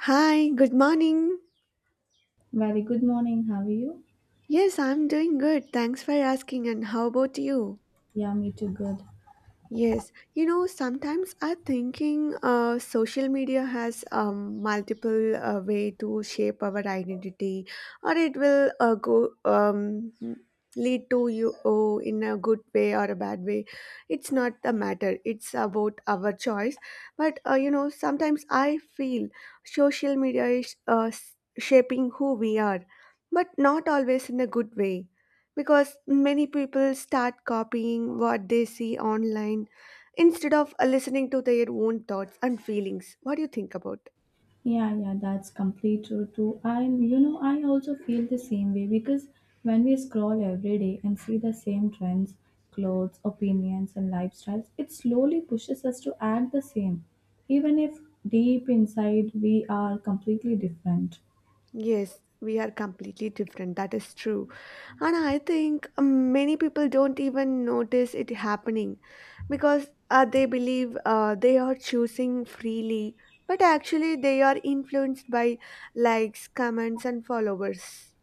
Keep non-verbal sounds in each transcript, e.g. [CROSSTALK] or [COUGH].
Hi, good morning. Very good morning. How are you? Yes, I'm doing good. Thanks for asking. And how about you? Yeah, me too. Good. Yes, you know, sometimes I thinking social media has multiple way to shape our identity, or it will go lead to you oh, in a good way or a bad way. It's not the matter. It's about our choice. But you know, sometimes I feel social media is shaping who we are, but not always in a good way because many people start copying what they see online instead of listening to their own thoughts and feelings. What do you think about? Yeah, yeah, that's complete true too. I, I also feel the same way because when we scroll every day and see the same trends, clothes, opinions, and lifestyles, it slowly pushes us to act the same, even if deep inside we are completely different. Yes, we are completely different. That is true. And I think many people don't even notice it happening because they believe they are choosing freely, but actually, they are influenced by likes, comments, and followers.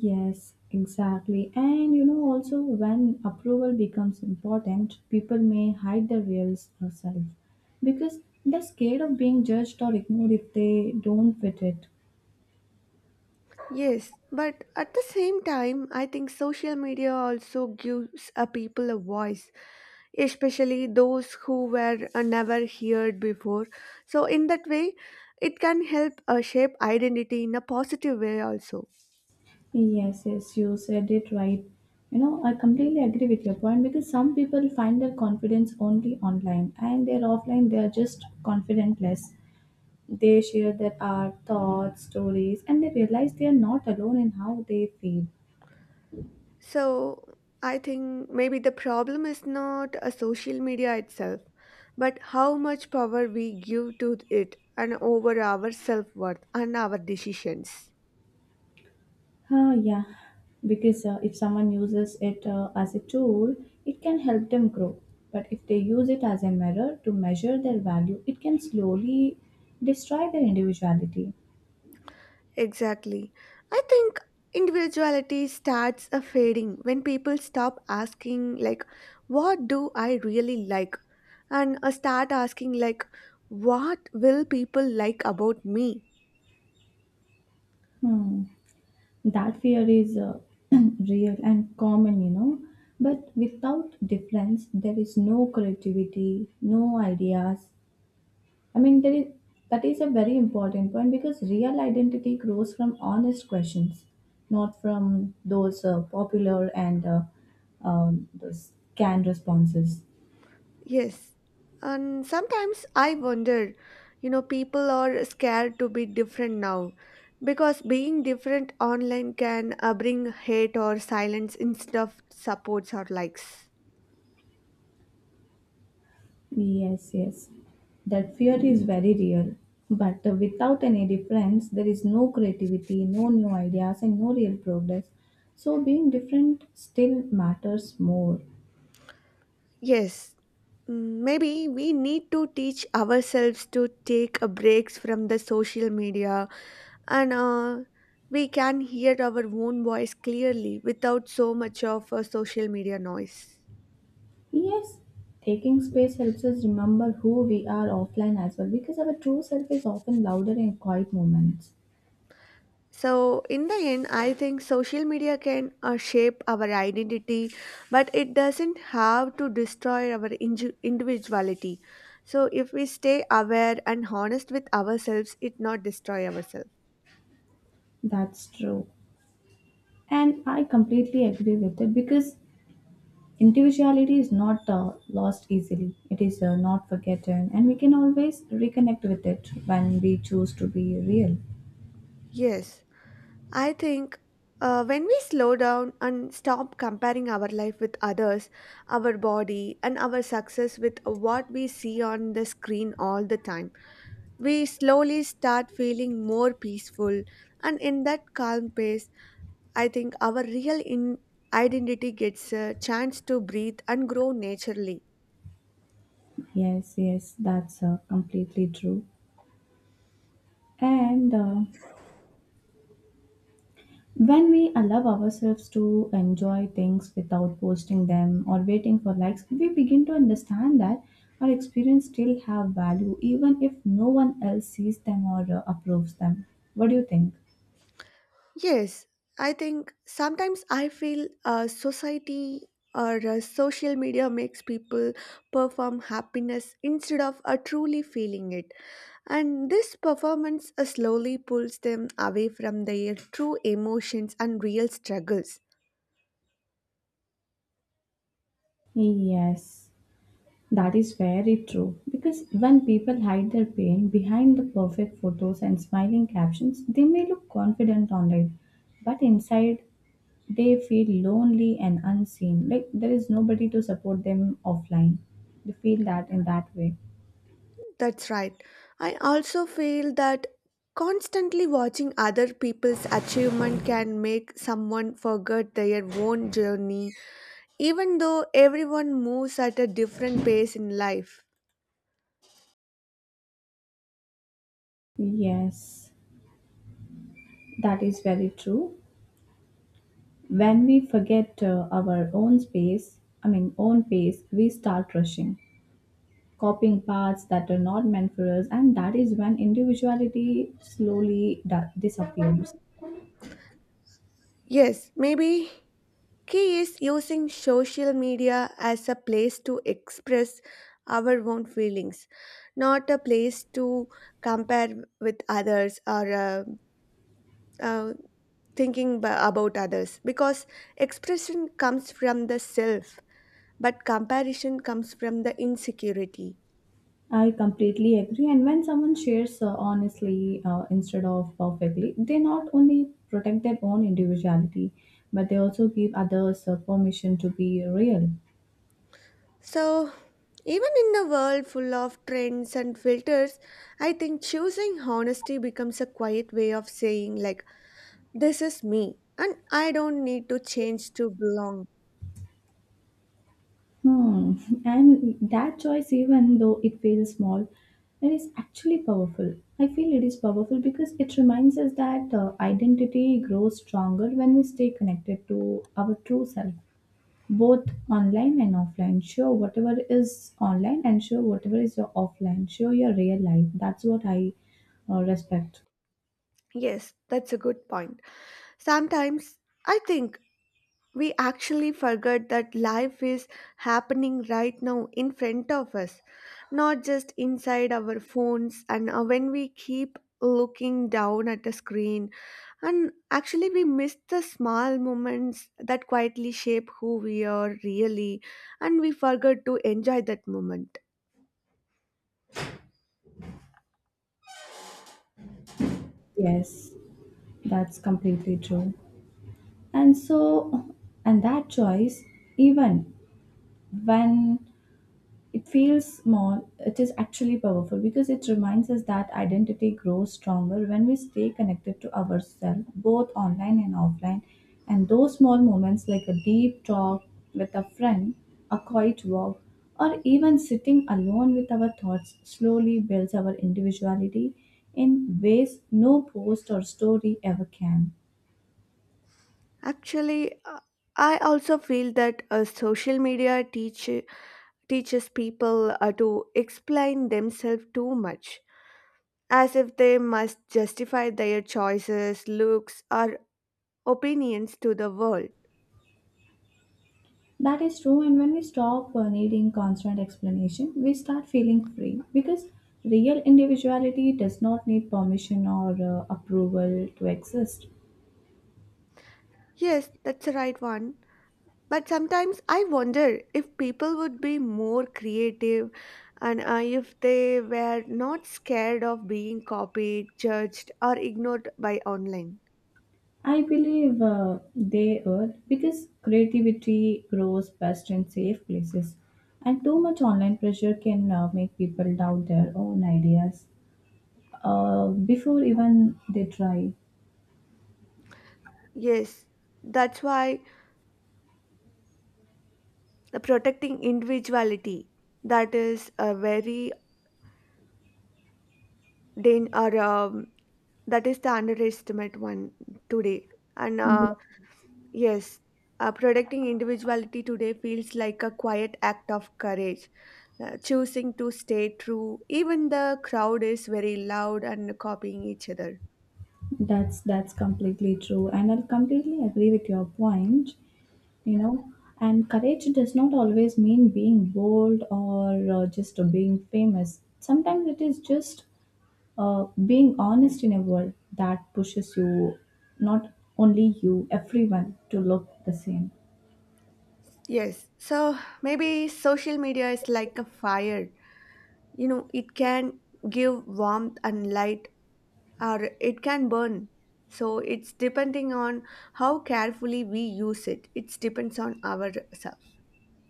Yes, exactly. And also when approval becomes important, people may hide their real self because they're scared of being judged or ignored if they don't fit it. Yes, but at the same time, I think social media also gives a people a voice, especially those who were never heard before. So, in that way, it can help shape identity in a positive way also. Yes, yes, you said it right. I completely agree with your point because some people find their confidence only online and they're offline, they're just confidentless. They share their art, thoughts, stories, and they realize they are not alone in how they feel. So, I think maybe the problem is not a social media itself, but how much power we give to it and over our self worth and our decisions. Yeah, because if someone uses it as a tool, it can help them grow. But if they use it as a mirror to measure their value, it can slowly destroy their individuality. Exactly. I think individuality starts a fading when people stop asking like what do I really like and start asking like what will people like about me? Hmm. That fear is [CLEARS THROAT] real and common. But without difference, there is no creativity, no ideas, I mean, there is, that is a very important point because real identity grows from honest questions, not from those popular and those canned responses. Yes. And sometimes I wonder, you know, people are scared to be different now because being different online can bring hate or silence instead of supports or likes. Yes, yes. That fear is very real. But without any difference, there is no creativity, no new ideas, and no real progress. So being different still matters more. Yes, maybe we need to teach ourselves to take a breaks from the social media and we can hear our own voice clearly without so much of social media noise. Yes, taking space helps us remember who we are offline as well because our true self is often louder in quiet moments. So, in the end, I think social media can shape our identity, but it doesn't have to destroy our individuality. So, if we stay aware and honest with ourselves, it not destroy ourselves. That's true. And I completely agree with it because individuality is not lost easily, it is not forgotten, and we can always reconnect with it when we choose to be real. Yes. I think when we slow down and stop comparing our life with others, our body, and our success with what we see on the screen all the time, we slowly start feeling more peaceful. And in that calm pace, I think our real identity gets a chance to breathe and grow naturally. Yes, yes, that's completely true. And when we allow ourselves to enjoy things without posting them or waiting for likes, we begin to understand that our experience still have value even if no one else sees them or approves them. What do you think? Yes, I think sometimes I feel society or social media makes people perform happiness instead of truly feeling it. And this performance slowly pulls them away from their true emotions and real struggles. Yes, that is very true. Because when people hide their pain behind the perfect photos and smiling captions, they may look confident online, but inside they feel lonely and unseen, like there is nobody to support them offline. They feel that in that way. That's right. I also feel that constantly watching other people's achievement can make someone forget their own journey even though everyone moves at a different pace in life. Yes, that is very true. When we forget our own space, I mean own pace, we start rushing, copying paths that are not meant for us, and that is when individuality slowly disappears. Yes, maybe key is using social media as a place to express our own feelings, not a place to compare with others or uh, thinking about others because expression comes from the self but comparison comes from the insecurity. I completely agree. And when someone shares honestly instead of perfectly, they not only protect their own individuality, but they also give others permission to be real. So, even in a world full of trends and filters, I think choosing honesty becomes a quiet way of saying, like, this is me and I don't need to change to belong. Hmm. And that choice, even though it feels small, it is actually powerful. I feel it is powerful because it reminds us that identity grows stronger when we stay connected to our true self, both online and offline. Show whatever is online and show whatever is your offline. Show your real life. That's what I respect. Yes, that's a good point. Sometimes I think we actually forget that life is happening right now in front of us, not just inside our phones. And when we keep looking down at a screen and actually, we miss the small moments that quietly shape who we are really, and we forget to enjoy that moment. Yes, that's completely true. And so, and that choice, even when it feels small, it is actually powerful because it reminds us that identity grows stronger when we stay connected to ourselves, both online and offline. And those small moments, like a deep talk with a friend, a quiet walk, or even sitting alone with our thoughts, slowly builds our individuality in ways no post or story ever can. Actually, I also feel that social media teaches people to explain themselves too much, as if they must justify their choices, looks, or opinions to the world. That is true, and when we stop needing constant explanation, we start feeling free because real individuality does not need permission or approval to exist. Yes, that's the right one. But sometimes I wonder if people would be more creative and if they were not scared of being copied, judged, or ignored by online. I believe they are because creativity grows best in safe places, and too much online pressure can make people doubt their own ideas before even they try. Yes, that's why the protecting individuality that is a very dan- or that is the underestimate one today. And yes, protecting individuality today feels like a quiet act of courage choosing to stay true, even the crowd is very loud and copying each other. That's completely true, and I'll completely agree with your point. You know, and courage does not always mean being bold or just being famous. Sometimes it is just being honest in a world that pushes you, not only you, everyone, to look the same. Yes, so maybe social media is like a fire. You know, it can give warmth and light, or it can burn. So it's depending on how carefully we use it. It depends on ourselves.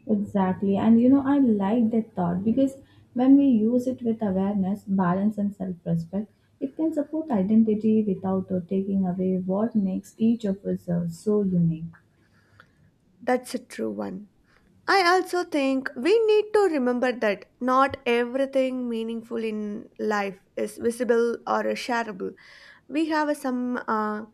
Exactly. And I like that thought because when we use it with awareness, balance, and self respect, it can support identity without taking away what makes each of us so unique. That's a true one. I also think we need to remember that not everything meaningful in life is visible or shareable. We have a, some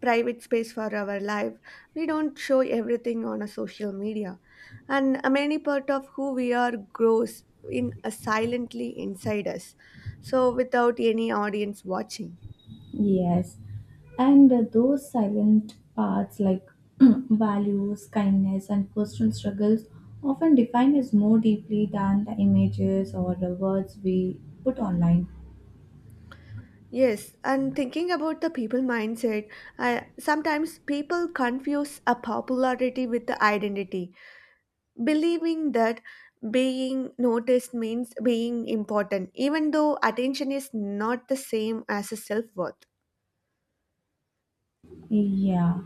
private space for our life. We don't show everything on a social media, and a many part of who we are grows in silently inside us, so without any audience watching. Yes. And those silent parts, like [CLEARS THROAT] values, kindness, and personal struggles, often define us more deeply than the images or the words we put online. Yes, and thinking about the people mindset, I, sometimes people confuse a popularity with the identity, believing that being noticed means being important even though attention is not the same as a self-worth. Yeah,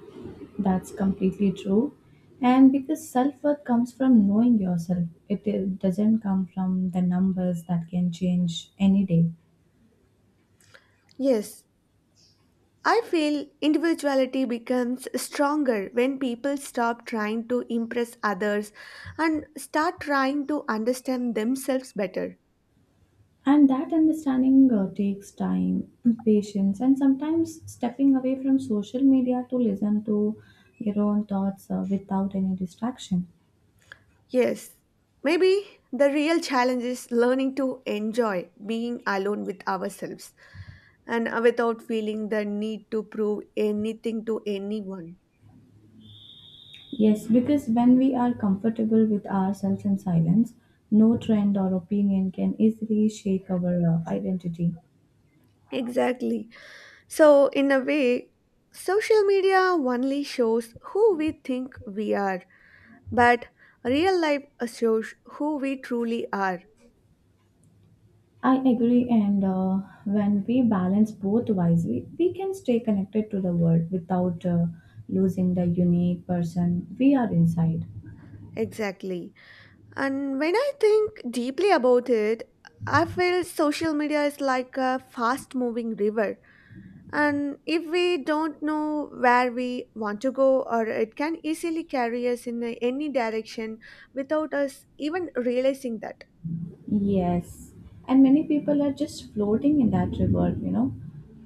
that's completely true. And because self worth comes from knowing yourself, it doesn't come from the numbers that can change any day. Yes, I feel individuality becomes stronger when people stop trying to impress others and start trying to understand themselves better. And that understanding takes time, patience, and sometimes stepping away from social media to listen to your own thoughts without any distraction. Yes, maybe the real challenge is learning to enjoy being alone with ourselves and without feeling the need to prove anything to anyone. Yes, because when we are comfortable with ourselves in silence, no trend or opinion can easily shake our identity. Exactly. So, in a way, social media only shows who we think we are, but real life shows who we truly are. I agree, and when we balance both wisely, we can stay connected to the world without losing the unique person we are inside. Exactly. And when I think deeply about it, I feel social media is like a fast moving river. And if we don't know where we want to go, or it can easily carry us in any direction without us even realizing that. Yes, and many people are just floating in that river,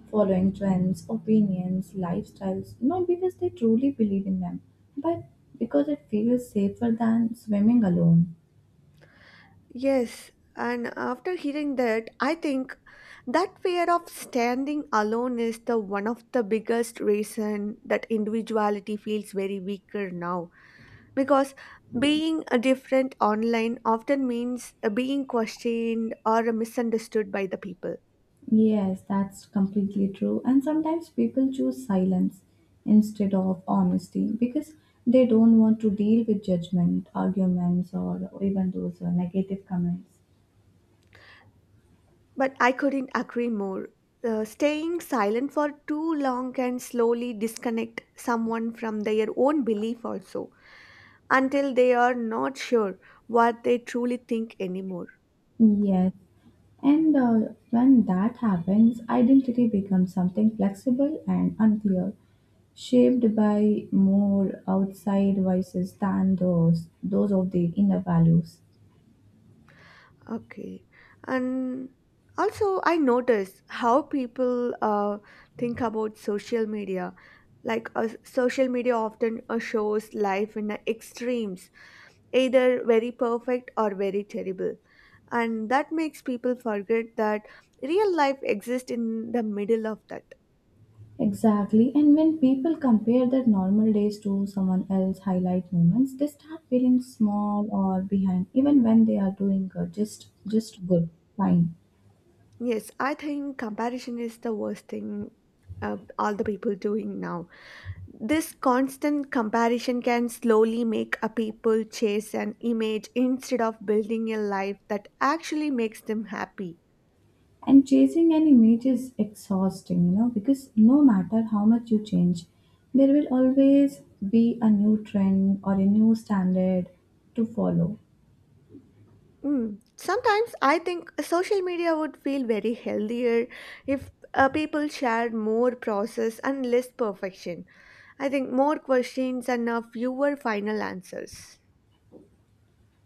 following trends, opinions, lifestyles, not because they truly believe in them, but because it feels safer than swimming alone. Yes, and after hearing that, I think that fear of standing alone is the one of the biggest reason that individuality feels very weaker now because being a different online often means being questioned or misunderstood by the people. Yes, that's completely true. And sometimes people choose silence instead of honesty because they don't want to deal with judgment, arguments, or even those negative comments. But I couldn't agree more. Staying silent for too long can slowly disconnect someone from their own belief also until they are not sure what they truly think anymore. Yes. And when that happens, identity becomes something flexible and unclear, shaped by more outside voices than those of the inner values. Okay. And also, I notice how people think about social media. Like, social media often shows life in the extremes, either very perfect or very terrible. And that makes people forget that real life exists in the middle of that. Exactly, and when people compare their normal days to someone else's highlight moments, they start feeling small or behind, even when they are doing good, just good, fine. Yes, I think comparison is the worst thing all the people doing now. This constant comparison can slowly make a people chase an image instead of building a life that actually makes them happy. And chasing an image is exhausting, because no matter how much you change, there will always be a new trend or a new standard to follow. Mm. Sometimes I think social media would feel very healthier if people shared more process and less perfection. I think more questions and fewer final answers.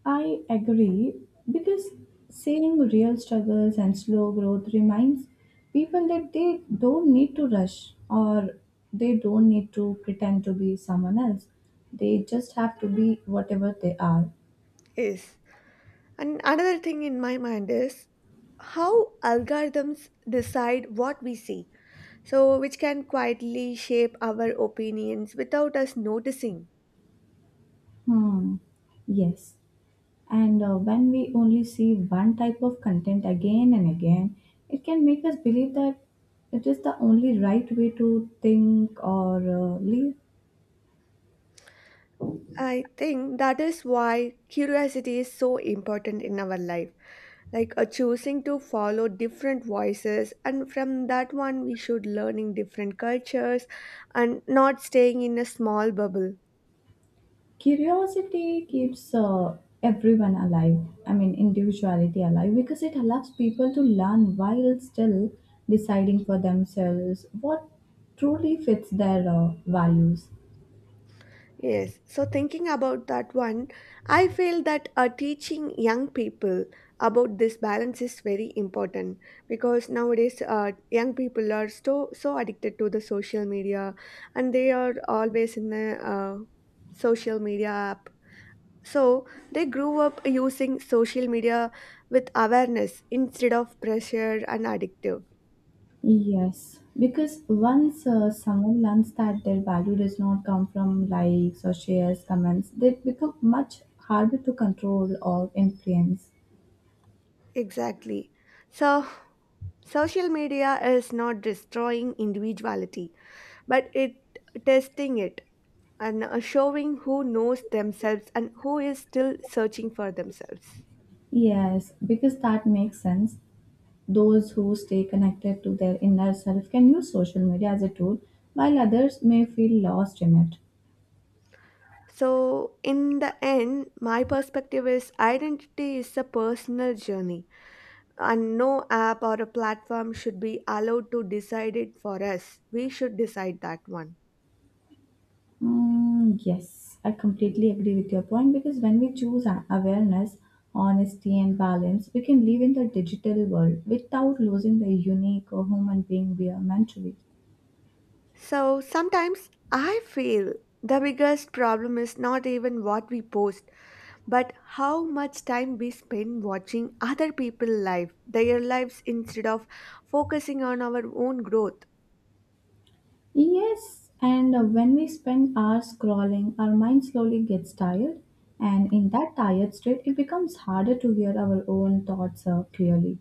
I agree because seeing real struggles and slow growth reminds people that they don't need to rush, or they don't need to pretend to be someone else. They just have to be whatever they are. Yes. And another thing in my mind is how algorithms decide what we see, so which can quietly shape our opinions without us noticing. Hmm. Yes. And when we only see one type of content again and again, it can make us believe that it is the only right way to think or live. I think that is why curiosity is so important in our life, like a choosing to follow different voices, and from that one, we should learning different cultures and not staying in a small bubble. Curiosity keeps everyone alive, I mean, individuality alive, because it allows people to learn while still deciding for themselves what truly fits their values. Yes, so thinking about that one, I feel that teaching young people about this balance is very important because nowadays young people are so so addicted to the social media and they are always in the social media app. So they grew up using social media with awareness instead of pressure and addictive. Yes, because once someone learns that their value does not come from likes or shares, comments, they become much harder to control or influence. Exactly. So social media is not destroying individuality, but it testing it and showing who knows themselves and who is still searching for themselves. Yes, because that makes sense. Those who stay connected to their inner self can use social media as a tool, while others may feel lost in it. So, in the end, my perspective is identity is a personal journey, and no app or a platform should be allowed to decide it for us. We should decide that one. Mm, yes, I completely agree with your point because when we choose awareness, honesty, and balance, we can live in the digital world without losing the unique or human being we are meant to be. So sometimes I feel the biggest problem is not even what we post, but how much time we spend watching other people's life, their lives instead of focusing on our own growth. Yes, and when we spend hours scrolling, our mind slowly gets tired, and in that tired state, it becomes harder to hear our own thoughts clearly.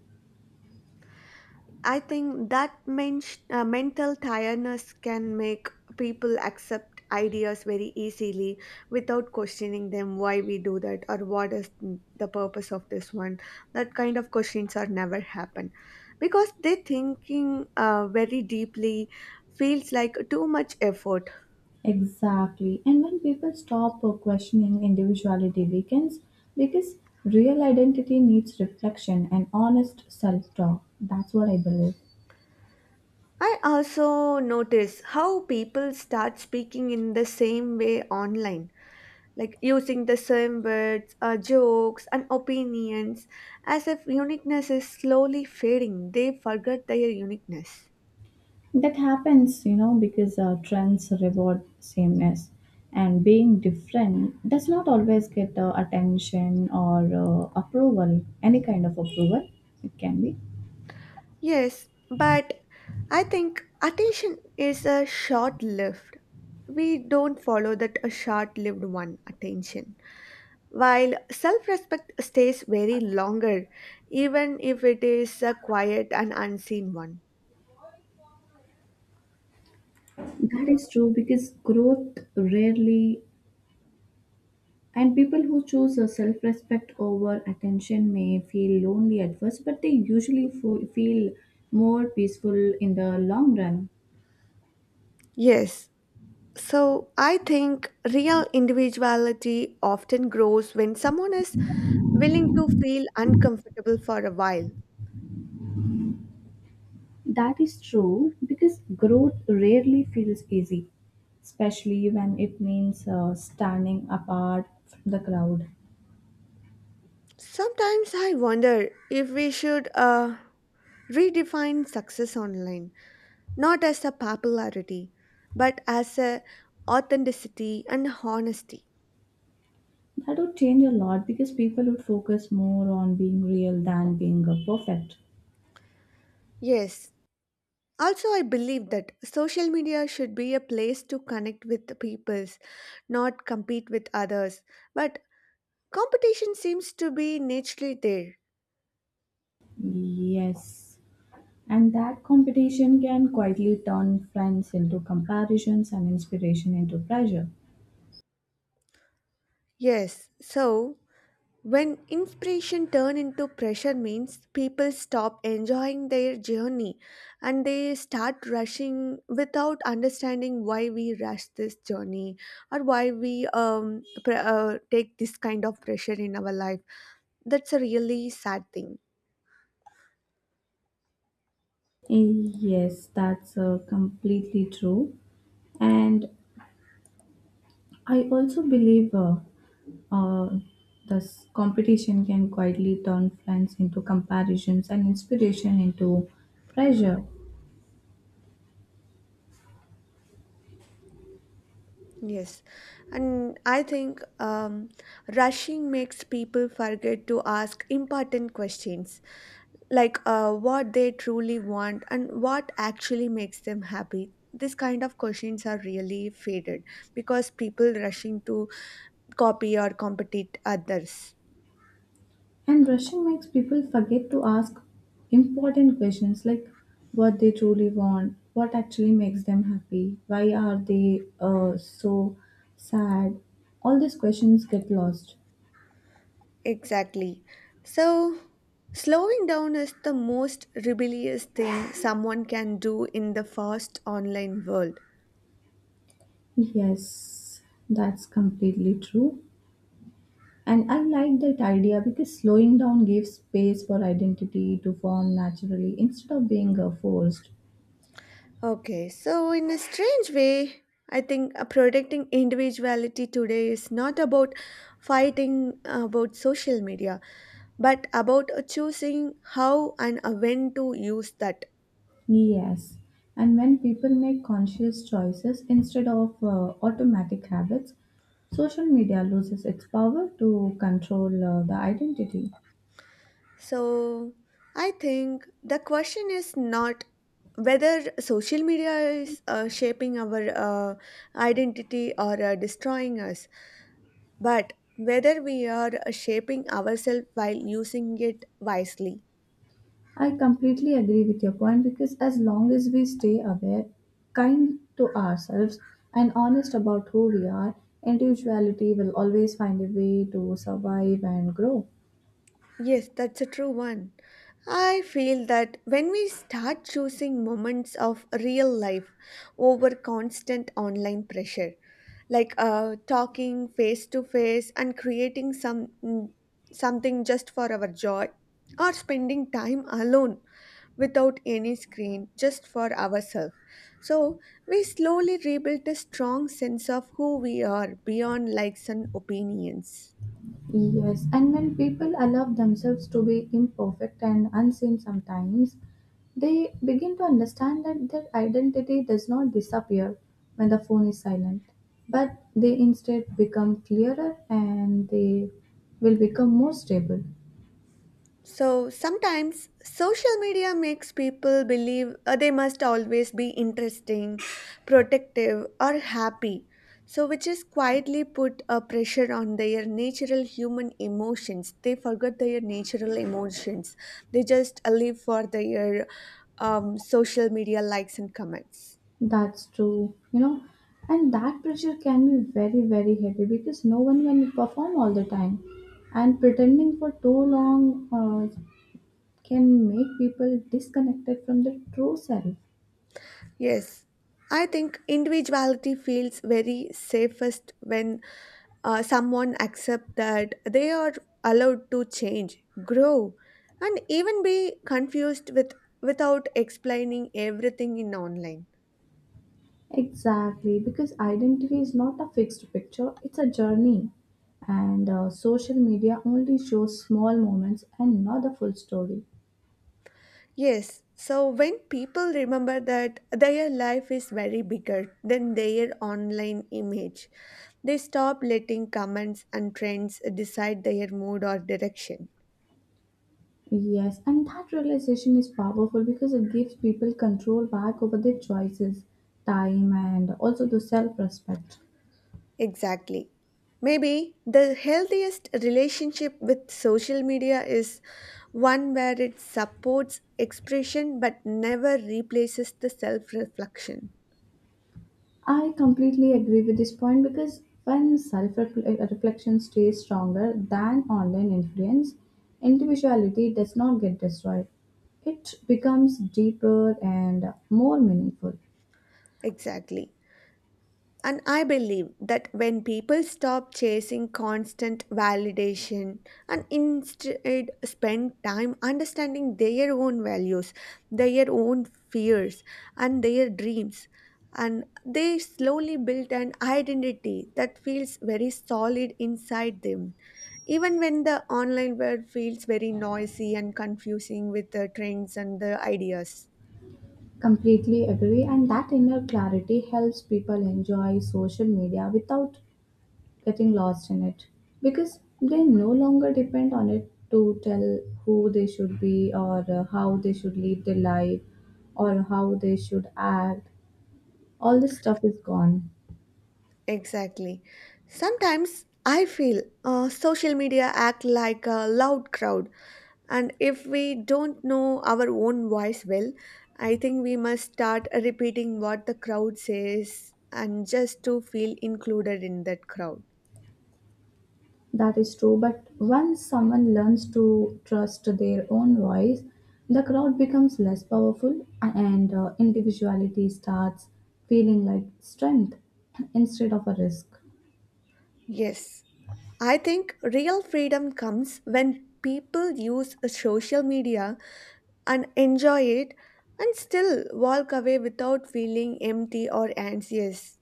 I think that mental tiredness can make people accept ideas very easily without questioning them why we do that or what is the purpose of this one. That kind of questions are never happen because they thinking very deeply feels like too much effort. Exactly. And when people stop questioning, individuality weakens because real identity needs reflection and honest self talk. That's what I believe. I also notice how people start speaking in the same way online like using the same words, jokes, and opinions as if uniqueness is slowly fading. They forget their uniqueness. That happens, because trends reward sameness and being different does not always get attention or approval, any kind of approval. It can be. Yes, but I think attention is a short lived. We don't follow that a short lived one attention. While self respect stays very longer, even if it is a quiet and unseen one. That is true because growth rarely. And people who choose a self-respect over attention may feel lonely at first, but they usually feel more peaceful in the long run. Yes, so I think real individuality often grows when someone is willing to feel uncomfortable for a while. That is true because growth rarely feels easy, especially when it means standing apart from the crowd. Sometimes I wonder if we should redefine success online, not as a popularity, but as a authenticity and honesty. That would change a lot because people would focus more on being real than being perfect. Yes. Also, I believe that social media should be a place to connect with the peoples, not compete with others, but competition seems to be naturally there. Yes. And that competition can quietly turn friends into comparisons and inspiration into pressure. Yes. So, when inspiration turn into pressure means people stop enjoying their journey and they start rushing without understanding why we rush this journey or why we take this kind of pressure in our life, that's a really sad thing. Yes, that's completely true. And I also believe uh, this competition can quietly turn friends into comparisons and inspiration into pressure. Yes, and I think rushing makes people forget to ask important questions like what they truly want and what actually makes them happy. This kind of questions are really faded because people rushing to copy or compete others. And rushing makes people forget to ask important questions like what they truly want, what actually makes them happy, why are they so sad. All these questions get lost. Exactly. So slowing down is the most rebellious thing someone can do in the fast online world. Yes, that's completely true. And I like that idea because slowing down gives space for identity to form naturally instead of being forced. Okay, so in a strange way, I think protecting individuality today is not about fighting about social media, but about choosing how and when to use that. Yes, and when people make conscious choices instead of automatic habits, social media loses its power to control the identity. So, I think the question is not whether social media is shaping our identity or destroying us, but whether we are shaping ourselves while using it wisely. I completely agree with your point because as long as we stay aware, kind to ourselves, and honest about who we are, individuality will always find a way to survive and grow. Yes, that's a true one. I feel that when we start choosing moments of real life over constant online pressure, like talking face to face and creating something just for our joy, or spending time alone without any screen just for ourselves. So we slowly rebuild a strong sense of who we are beyond likes and opinions. Yes, and when people allow themselves to be imperfect and unseen sometimes, they begin to understand that their identity does not disappear when the phone is silent, but they instead become clearer and they will become more stable. So sometimes social media makes people believe they must always be interesting, protective, or happy. So, which is quietly put a pressure on their natural human emotions. They forget their natural emotions. They just live for their social media likes and comments. That's true, and that pressure can be very, very heavy because no one can perform all the time, and pretending for too long can make people disconnected from their true self. Yes, I think individuality feels very safest when someone accepts that they are allowed to change, grow, and even be confused with without explaining everything in online. Exactly, because identity is not a fixed picture, it's a journey. And social media only shows small moments and not the full story. Yes, so when people remember that their life is very bigger than their online image, they stop letting comments and trends decide their mood or direction. Yes, and that realization is powerful because it gives people control back over their choices, time, and also the self respect. Exactly. Maybe the healthiest relationship with social media is one where it supports expression but never replaces the self reflection. I completely agree with this point because when self reflection stays stronger than online influence, individuality does not get destroyed. It becomes deeper and more meaningful. Exactly. And I believe that when people stop chasing constant validation and instead spend time understanding their own values, their own fears, and their dreams, and they slowly build an identity that feels very solid inside them. Even when the online world feels very noisy and confusing with the trends and the ideas. Completely agree, and that inner clarity helps people enjoy social media without getting lost in it because they no longer depend on it to tell who they should be or how they should live their life or how they should act. All this stuff is gone. Exactly. Sometimes I feel social media act like a loud crowd, and if we don't know our own voice well, I think we must start repeating what the crowd says and just to feel included in that crowd. That is true. But once someone learns to trust their own voice, the crowd becomes less powerful and individuality starts feeling like strength instead of a risk. Yes, I think real freedom comes when people use social media and enjoy it and still walk away without feeling empty or anxious.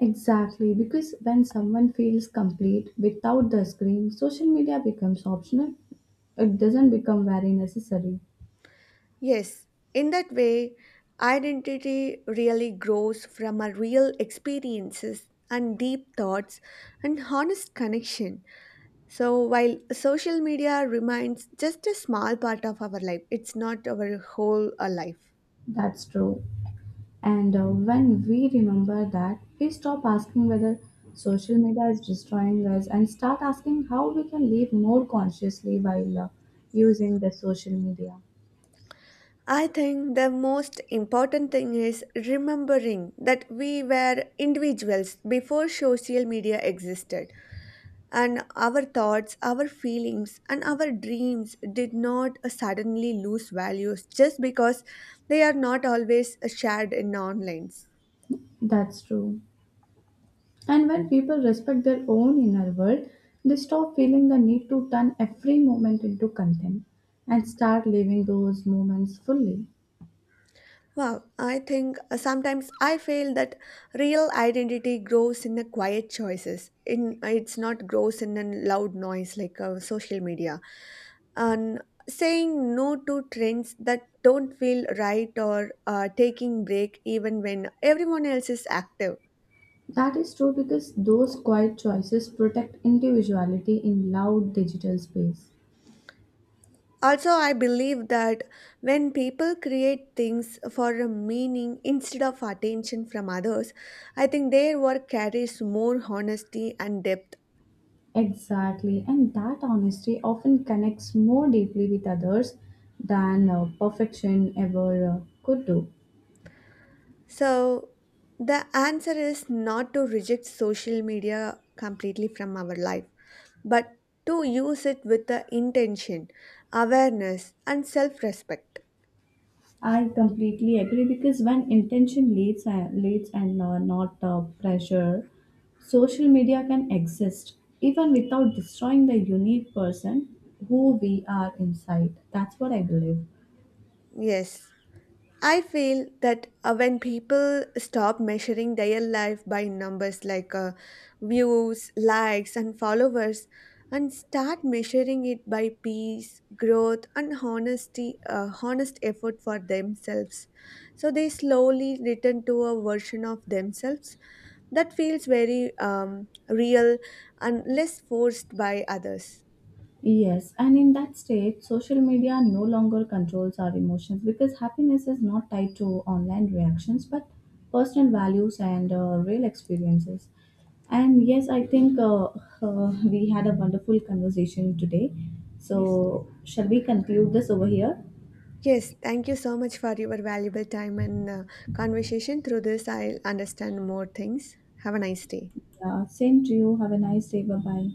Exactly, because when someone feels complete without the screen, social media becomes optional. It doesn't become very necessary. Yes, in that way, identity really grows from our real experiences and deep thoughts and honest connection. So, while social media remains just a small part of our life, it's not our whole life. That's true. And when we remember that, we stop asking whether social media is destroying us and start asking how we can live more consciously while using the social media. I think the most important thing is remembering that we were individuals before social media existed and our thoughts, our feelings, and our dreams did not suddenly lose values just because they are not always shared in online. That's true. And when people respect their own inner world, they stop feeling the need to turn every moment into content and start living those moments fully. Wow, I think sometimes I feel that real identity grows in the quiet choices. In it's not grows in a loud noise like social media, and saying no to trends that don't feel right or taking break even when everyone else is active. That is true because those quiet choices protect individuality in loud digital space. Also, I believe that when people create things for a meaning instead of attention from others, I think their work carries more honesty and depth. Exactly, and that honesty often connects more deeply with others than perfection ever could do. So, the answer is not to reject social media completely from our life, but to use it with the intention, awareness, and self respect. I completely agree because when intention leads, and leads and not pressure, social media can exist even without destroying the unique person who we are inside. That's what I believe. Yes, I feel that when people stop measuring their life by numbers like views, likes, and followers, and start measuring it by peace, growth, and honesty, honest effort for themselves, so they slowly return to a version of themselves that feels very real and less forced by others. Yes, and in that state, social media no longer controls our emotions because happiness is not tied to online reactions but personal values and real experiences. And yes, I think we had a wonderful conversation today. Yes. So, shall we conclude this over here? Yes, thank you so much for your valuable time and conversation. Through this, I'll understand more things. Have a nice day. Yeah, same to you. Have a nice day. Bye bye.